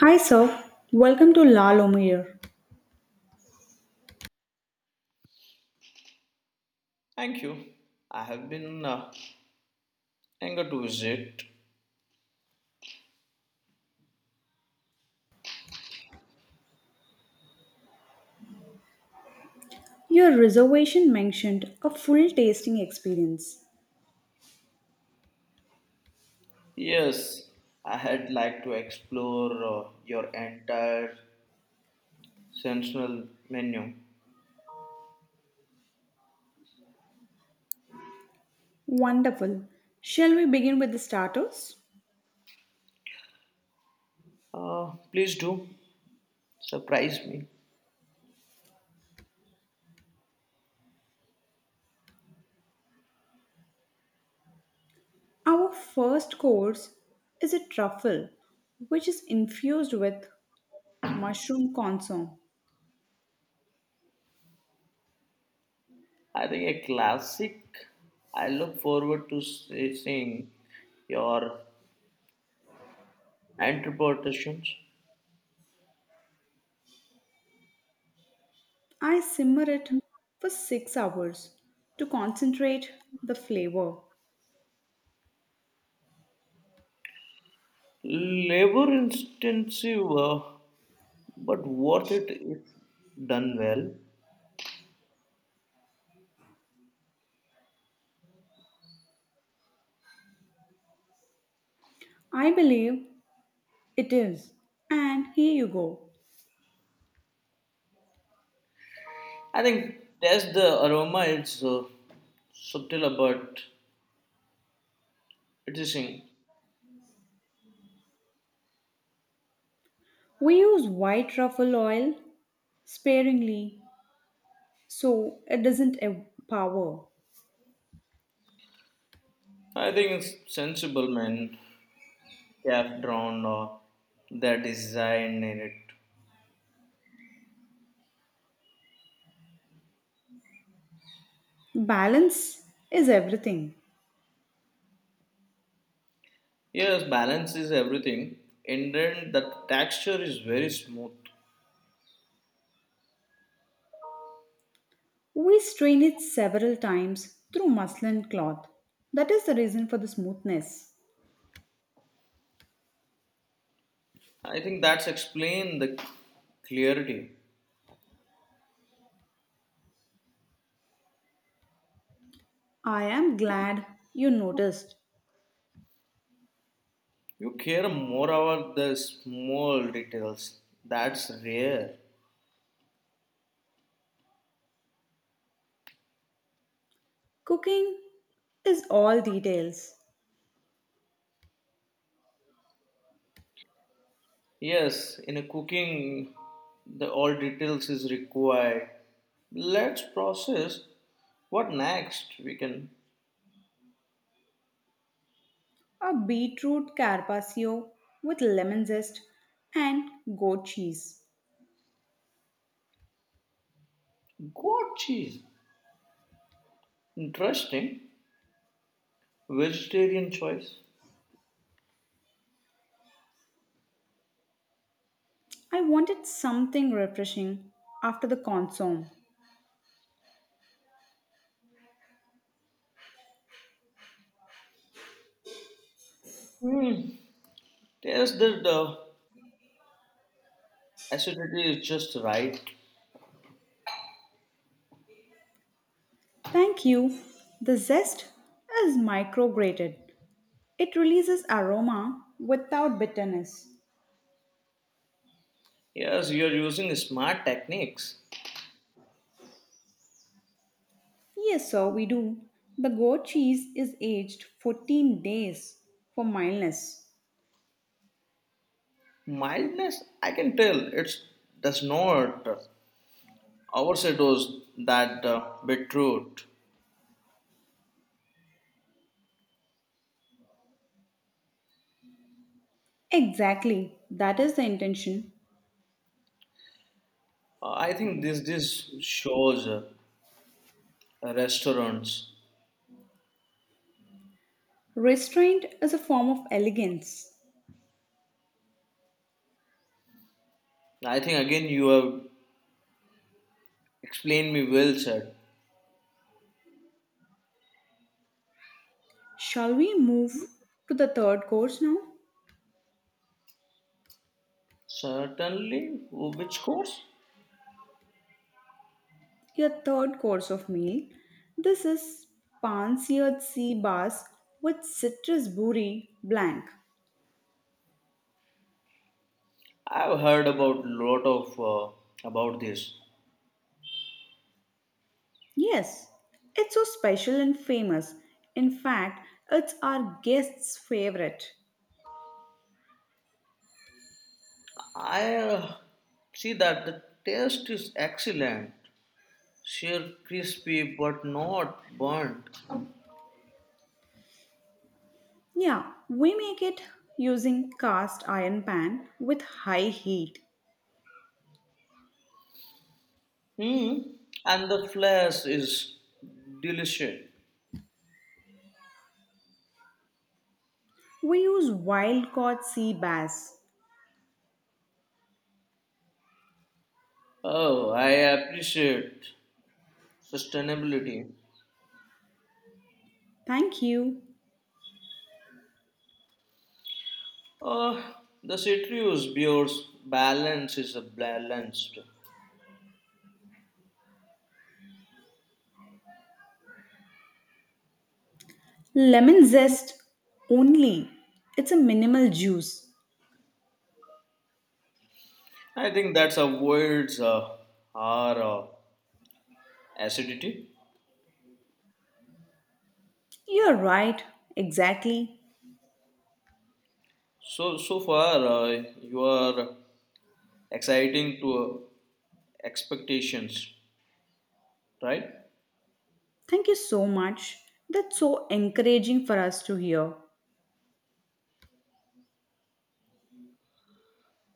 Hi, sir. Welcome to La Lumiere. Thank you. I have been eager to visit. Your reservation mentioned a full tasting experience. Yes, I had like to explore your entire sensational menu. Wonderful. Shall we begin with the starters? Please do surprise me. Our first course is a truffle, which is infused with mushroom consomme. I think a classic. I look forward to seeing your interpretations. I simmer it for 6 hours to concentrate the flavor. Labor intensive, but worth it if done well. I believe it is. And here you go. I think that's the aroma. It's subtle, but it is in. We use white truffle oil sparingly so it doesn't empower. I think it's sensible, man. Calf drawn or that design in it. Balance is everything. Yes, balance is everything. In the end, the texture is very smooth. We strain it several times through muslin cloth. That is the reason for the smoothness. I think that's explain the clarity. I am glad you noticed. You care more about the small details. That's rare. Cooking is all details. Yes, in a cooking, the all details is required. Let's process what next. We can A beetroot carpaccio with lemon zest and goat cheese. goat cheese. Interesting vegetarian choice. I wanted something refreshing after the consomme. Hmm. Yes, that the acidity is just right. Thank you. The zest is micrograted. It releases aroma without bitterness. Yes, you are using smart techniques. Yes, sir, we do. The goat cheese is aged 14 days for mildness. Mildness, I can tell it's does not overshadows that beetroot. Exactly, that is the intention. I think this shows restaurants. Restraint is a form of elegance. I think again you have explained me well, sir. Shall we move to the third course now? Certainly, which course? Your third course of meal. This is pan seared sea bass with citrus buri blank. I've heard about lot of about this. Yes, it's so special and famous. In fact, it's our guest's favorite. I see that the taste is excellent, sheer crispy but not burnt. Yeah, we make it using cast iron pan with high heat. Hmm, and the flesh is delicious. We use wild caught sea bass. Oh, I appreciate sustainability. Thank you. Uh, the citrus beers balance is a balanced. Lemon zest only. It's a minimal juice. I think that avoids our acidity. You're right, exactly. So far you are exciting to expectations, right? Thank you so much. That's so encouraging for us to hear.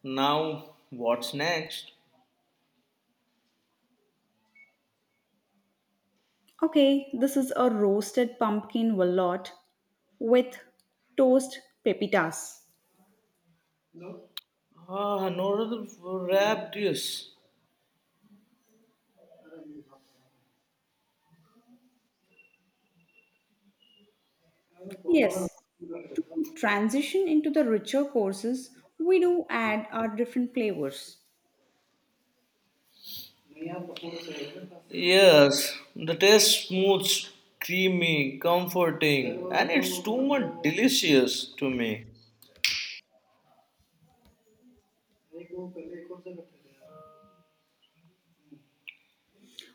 Now what's next? Okay, this is a roasted pumpkin wallet with toast pepitas. Ah, another wrap this. Yes, to transition into the richer courses, we do add our different flavors. Yes, yes, the taste smooth, creamy, comforting, and it's too much delicious to me.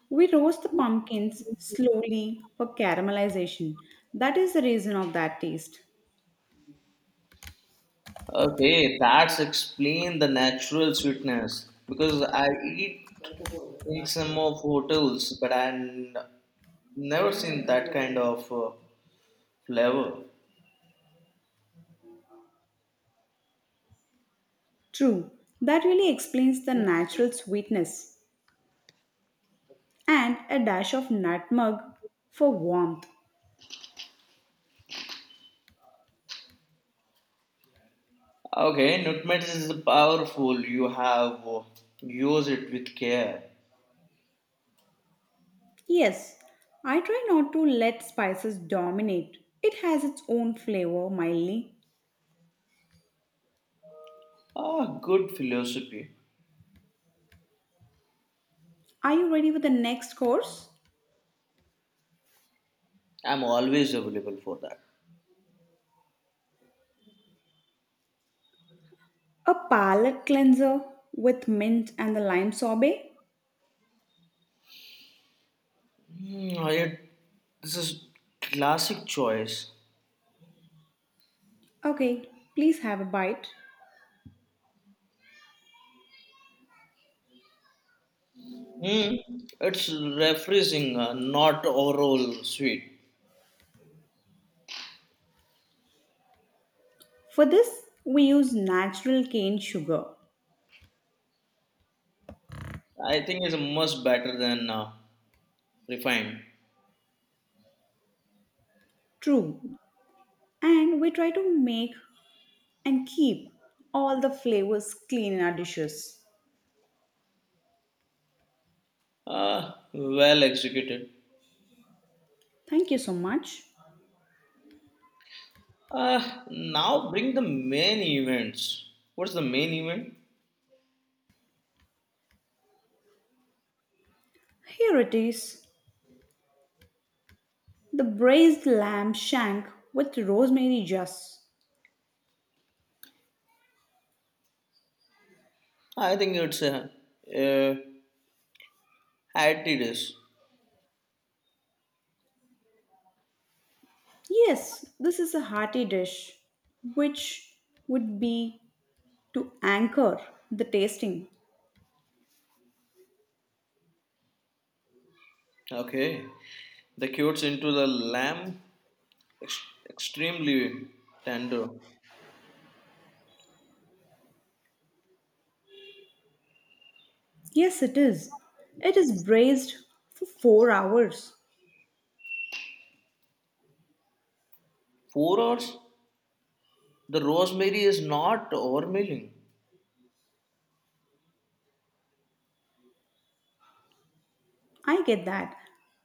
We roast the pumpkins slowly for caramelization. That is the reason of that taste. Okay, that's explain the natural sweetness because I eat in some of hotels, but I never seen that kind of flavor. True, that really explains the natural sweetness and a dash of nutmeg for warmth. Okay, nutmeg is powerful. You have used it with care. Yes, I try not to let spices dominate. It has its own flavor, mildly. Ah, good philosophy. Are you ready for the next course? I'm always available for that. A palate cleanser with mint and the lime sorbet? Hmm, this is classic choice. Okay, please have a bite. Hmm, it's refreshing, not overall sweet. For this, we use natural cane sugar. I think it's much better than refined. True. And we try to make and keep all the flavors clean in our dishes. Ah, well executed. Thank you so much. Now bring the main events. What's the main event? Here it is the braised lamb shank with rosemary juice. I think it's uh, Atreides. Yes, this is a hearty dish, which would be to anchor the tasting. Okay, the cuts into the lamb extremely tender. Yes, it is. It is braised for 4 hours. 4 hours. The rosemary is not overmilling. I get that.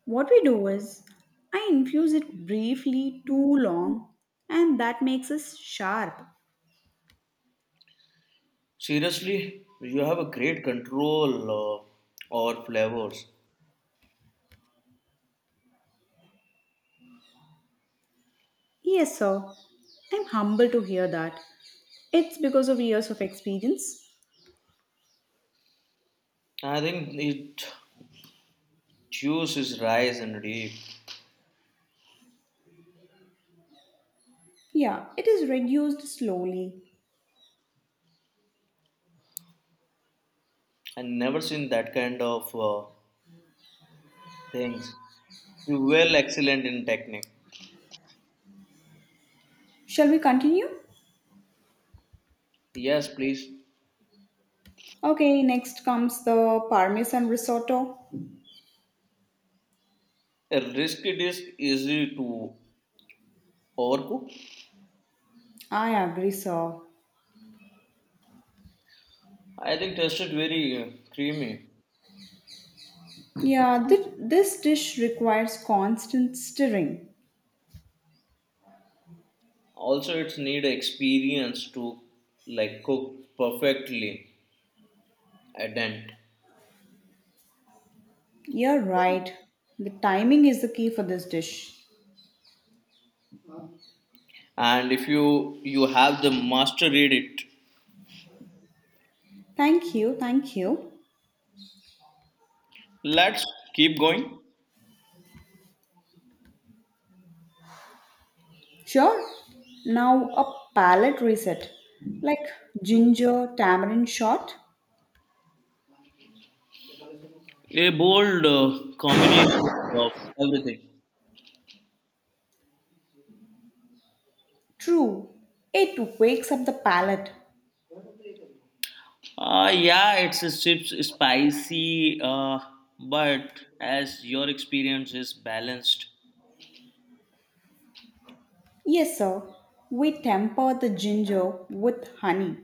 What we do is, I infuse it briefly too long, and that makes us sharp. Seriously, you have a great control over flavors. Yes, sir. I'm humble to hear that. It's because of years of experience. I think it juice is rice and deep. Yeah, it is reduced slowly. I never seen that kind of things. You were excellent in technique. Shall we continue? Yes, please. Okay, next comes the Parmesan risotto. A risky dish easy to overcook. I agree, sir. I think tasted very creamy. Yeah, this dish requires constant stirring. Also, it's need experience to like cook perfectly a dent. You're right. The timing is the key for this dish. And if you have the mastered it, Thank you, thank you. let's keep going. Sure. Now a palate reset, like ginger tamarind shot. A bold combination of everything. True. It wakes up the palate. Yeah, it's a chips spicy, but as your experience is balanced. Yes, sir. We temper the ginger with honey.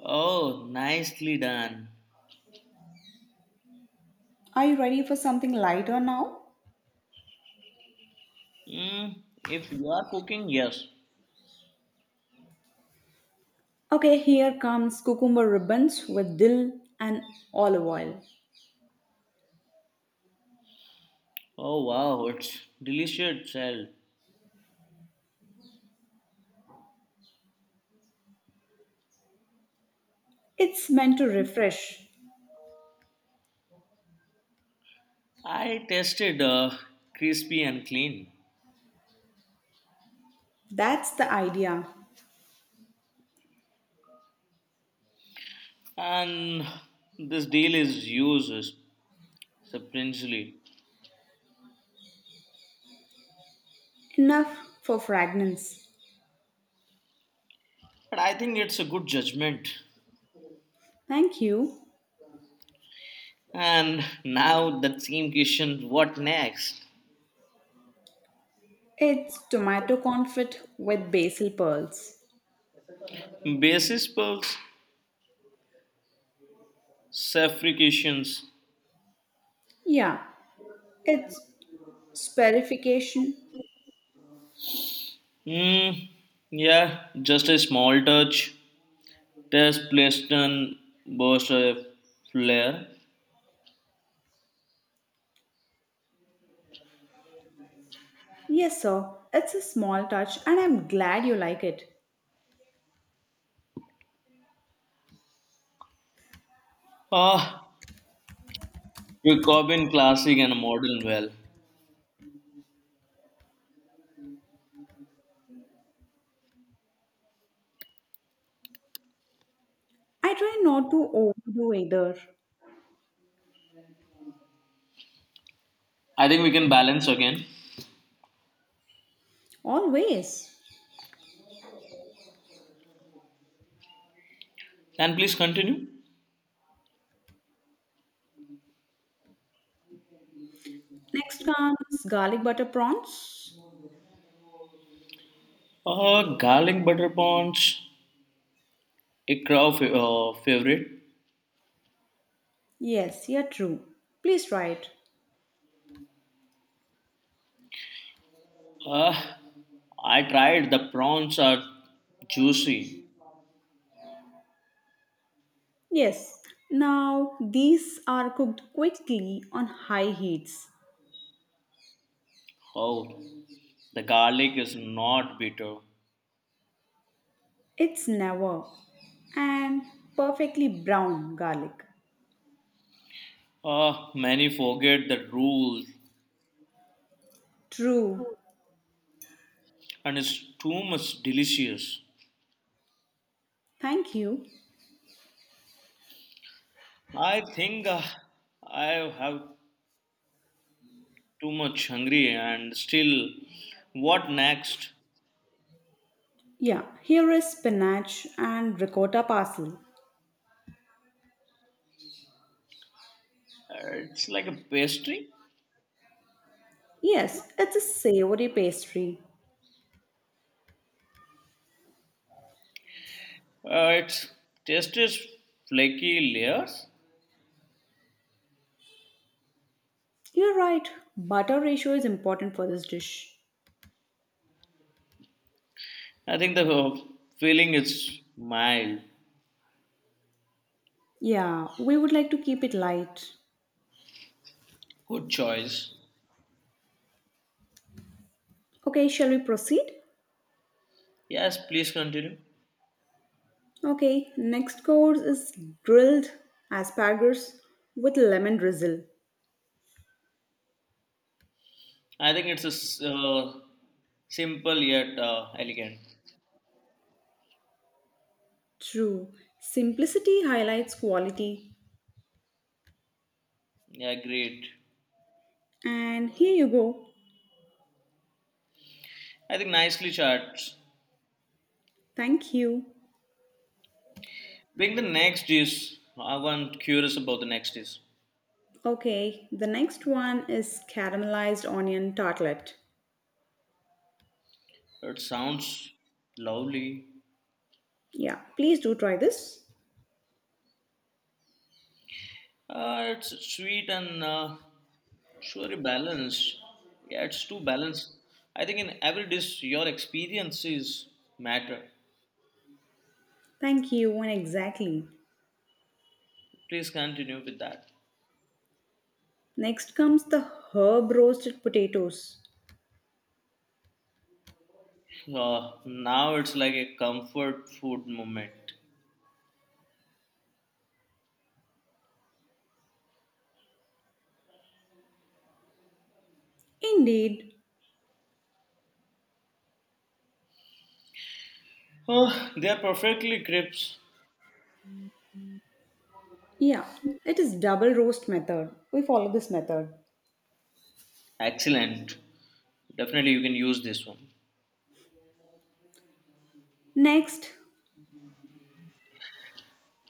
Oh, nicely done. Are you ready for something lighter now? Mm, if you are cooking, yes. Okay, here comes cucumber ribbons with dill and olive oil. Oh wow, it's delicious itself. It's meant to refresh. I tasted crispy and clean, That's the idea. and this deal is used surprisingly. Enough for fragrance. But I think it's a good judgment. Thank you. And now that same question, what next? It's tomato confit with basil pearls. Basis pulse, suffocations. Yeah, it's sperification. Hmm. Yeah, just a small touch. Tess Preston boasts a flair. Yes, sir. It's a small touch and I'm glad you like it. Ah, you combine classic and modern well. I try not to overdo either. I think we can balance again. Always. And please continue. Next comes garlic butter prawns. Ah, garlic butter prawns, a crowd favorite. Yes, you're true. Please try it. Ah, I tried. The prawns are juicy. Yes. Now these are cooked quickly on high heats. Oh, the garlic is not bitter. It's never. And perfectly brown garlic. Ah, many forget the rule, True. and it's too much delicious. Thank you. I think I have too much hungry and still what next. Yeah, here is spinach and ricotta parsley. It's like a pastry. Yes, it's a savory pastry. It's tastes flaky layers. You're right. Butter ratio is important for this dish. I think the feeling is mild. Yeah, we would like to keep it light. Good choice. Okay, shall we proceed? Yes, please continue. Okay, next course is grilled asparagus with lemon drizzle. I think it's a simple yet elegant. True, simplicity highlights quality. Yeah, great. And here you go. I think nicely charged. Thank you. Being the next dish, I want curious about the next dish. Okay, the next one is caramelized onion tartlet. It sounds lovely. Yeah, please do try this. It's sweet and surely balanced. Yeah, it's too balanced. I think in every dish, your experiences matter. Thank you, and exactly. Please continue with that. Next comes the herb roasted potatoes. Now it's like a comfort food moment. Indeed. Oh, they are perfectly crisp. Yeah, it is double roast method. We follow this method. Excellent. Definitely, you can use this one. Next,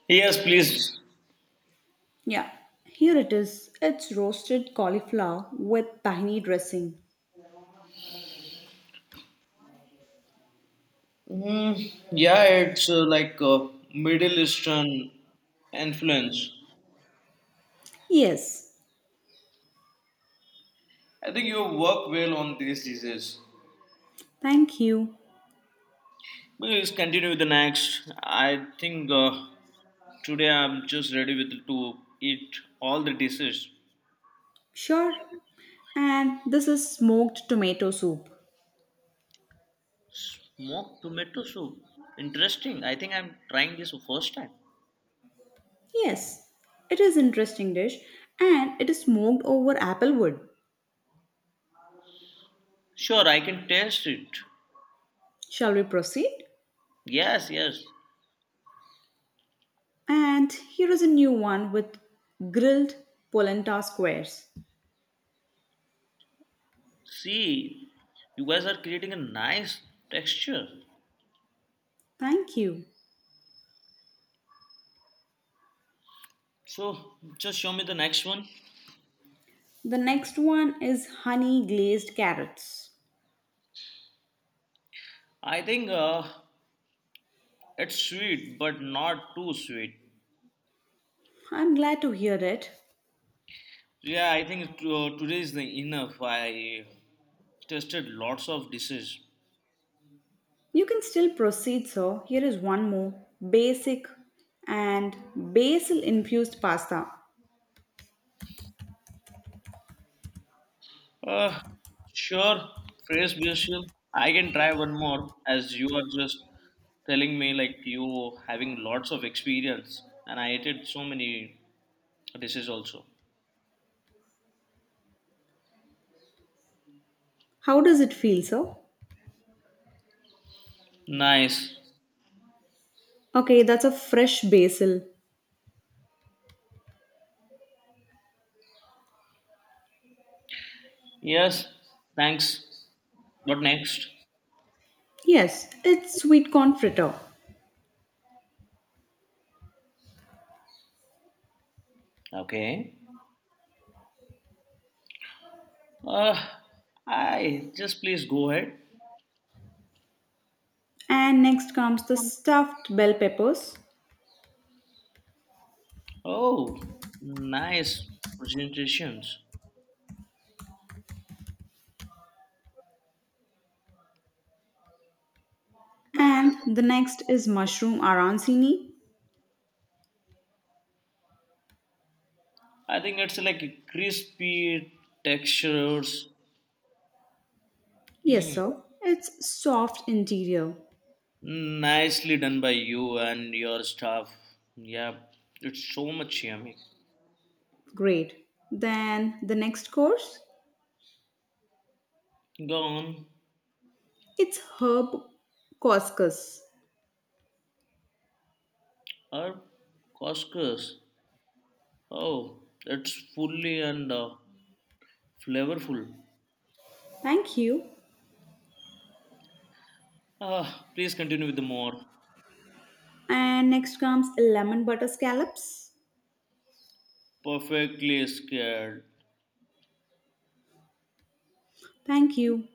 Yes, please. yeah, here it is. It's roasted cauliflower with tahini dressing. Mm, yeah, it's like Middle Eastern influence. Yes, I think you work well on these dishes. thank you. Well, let's continue with the next. I think today I'm just ready with to eat all the dishes. Sure. And this is smoked tomato soup. Smoked tomato soup. Interesting. I think I'm trying this for first time. Yes, it is interesting dish and it is smoked over apple wood. Sure, I can taste it. Shall we proceed? Yes, yes. And here is a new one with grilled polenta squares. See, you guys are creating a nice texture. Thank you. So just show me the next one. The next one is honey glazed carrots. I think it's sweet, but not too sweet. I'm glad to hear it. Yeah, I think today is the enough. I tasted lots of dishes. You can still proceed, so here is one more basic and basil infused pasta. Uh, sure, phrase musical. I can try one more as you are just telling me like you having lots of experience and I hated so many dishes also. How does it feel, sir? Nice. Okay, that's a fresh basil. Yes, thanks. What next? Yes, it's sweet corn fritter. Okay. Uh, I just please go ahead. And next comes the stuffed bell peppers. Oh, nice presentations. And the next is mushroom arancini. I think it's like crispy textures. Yes, Hmm. sir. It's soft interior. Nicely done by you and your staff. Yeah, it's so much yummy. Great. Then the next course, Gone it's herb couscous. are couscous. Oh, it's fully and flavorful. Thank you. Ah, please continue with the more. And next comes lemon butter scallops. Perfectly scared. Thank you.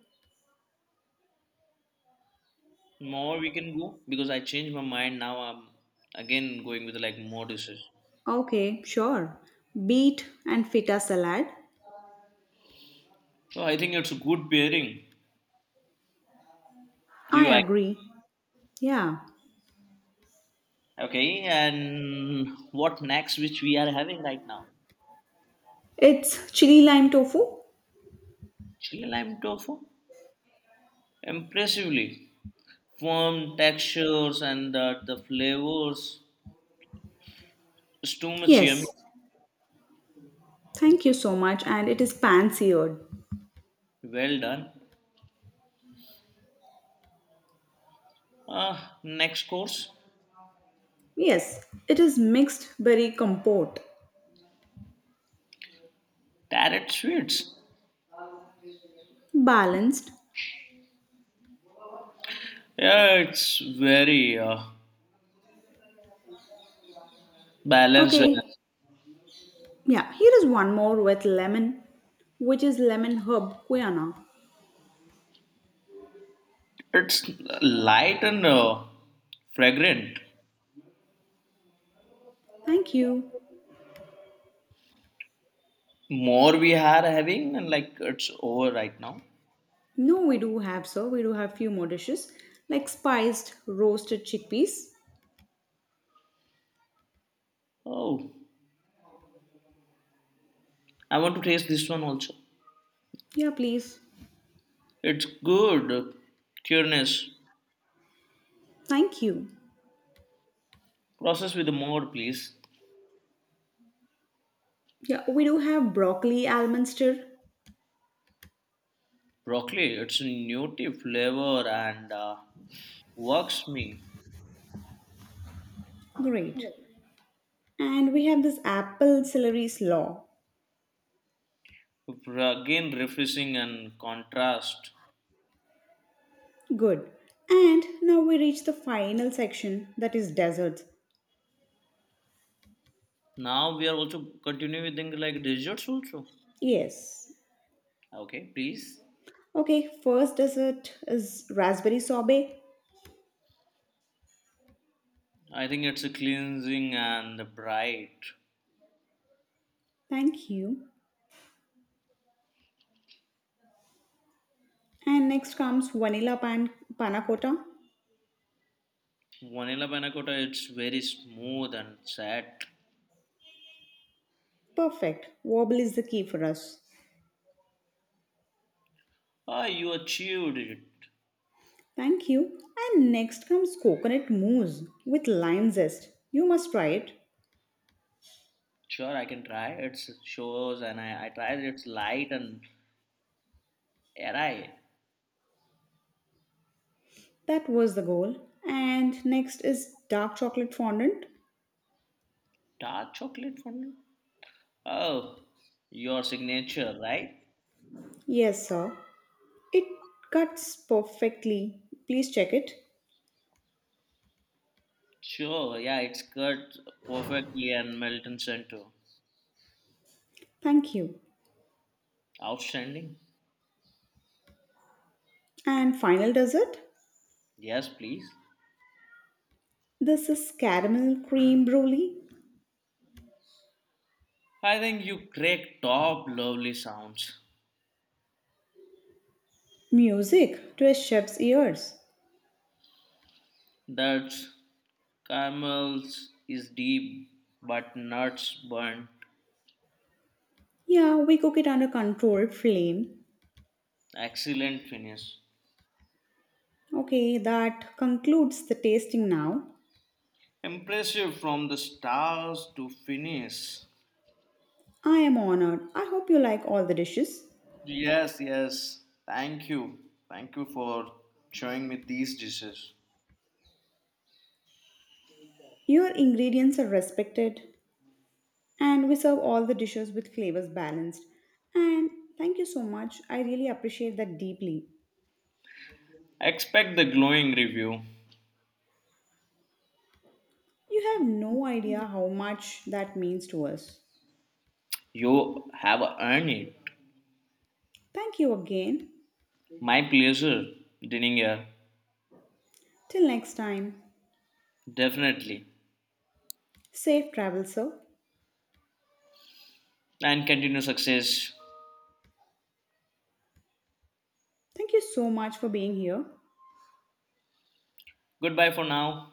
More we can go because I changed my mind. Now I'm again going with like more dishes. Okay, sure. Beet and feta salad. So I think it's a good pairing. Do you I like? agree. Yeah. Okay, and what next? Which we are having right now? It's chili lime tofu? Chili lime tofu. Impressively firm textures and that the flavors is too much yummy. Yes. Thank you so much. And it is pan seared. Well done. Next course, Yes. It is mixed berry compote. tarot sweets. Balanced. Yeah, it's very balanced. And Okay. Yeah. Here is one more with lemon, which is lemon herb guiana. it's light and fragrant. Thank you. More we are having, and like it's over right now. No, we do have, sir. We do have few more dishes like spiced roasted chickpeas. Oh, I want to taste this one also. Yeah, please. It's good. Cureness. Thank you. Process with more, please. Yeah, we do have broccoli almond stir. Broccoli, it's a native flavor and works me. Great. And we have this apple celery slaw. Again, refreshing and contrast. Good. And now we reach the final section that is desserts. Now we are also continuing with things like desserts also. Yes. Okay, please. Okay, first dessert is raspberry sorbet. I think it's a cleansing and bright. Thank you. And next comes vanilla panna cotta. Vanilla panna cotta, it's very smooth and set. Perfect. Wobble is the key for us. Ah, you achieved it. Thank you. And next comes coconut mousse with lime zest. You must try it. Sure, I can try. It shows and I tried it. It's light and airy. That was the goal. And next is dark chocolate fondant. Dark chocolate fondant. Oh, your signature, right? Yes, sir. It cuts perfectly. Please check it. Sure, yeah, it's cut perfectly and Melton Center. Thank you. Outstanding. And final dessert. Yes, please. This is caramel cream brulee. I think you crack top lovely sounds. Music to a chef's ears. That's caramels is deep but nuts burnt. Yeah, we cook it under controlled flame. Excellent finish. Okay, that concludes the tasting now. Impressive from the stars to finish. I am honored. I hope you like all the dishes. Yes, yes. Thank you. Thank you for showing me these dishes. Your ingredients are respected, and we serve all the dishes with flavors balanced. And thank you so much. I really appreciate that deeply. Expect the glowing review. You have no idea how much that means to us. You have earned it. Thank you again. My pleasure, dining here. Till next time, Definitely. safe travel, sir. And continue success. Thank you so much for being here. Goodbye for now.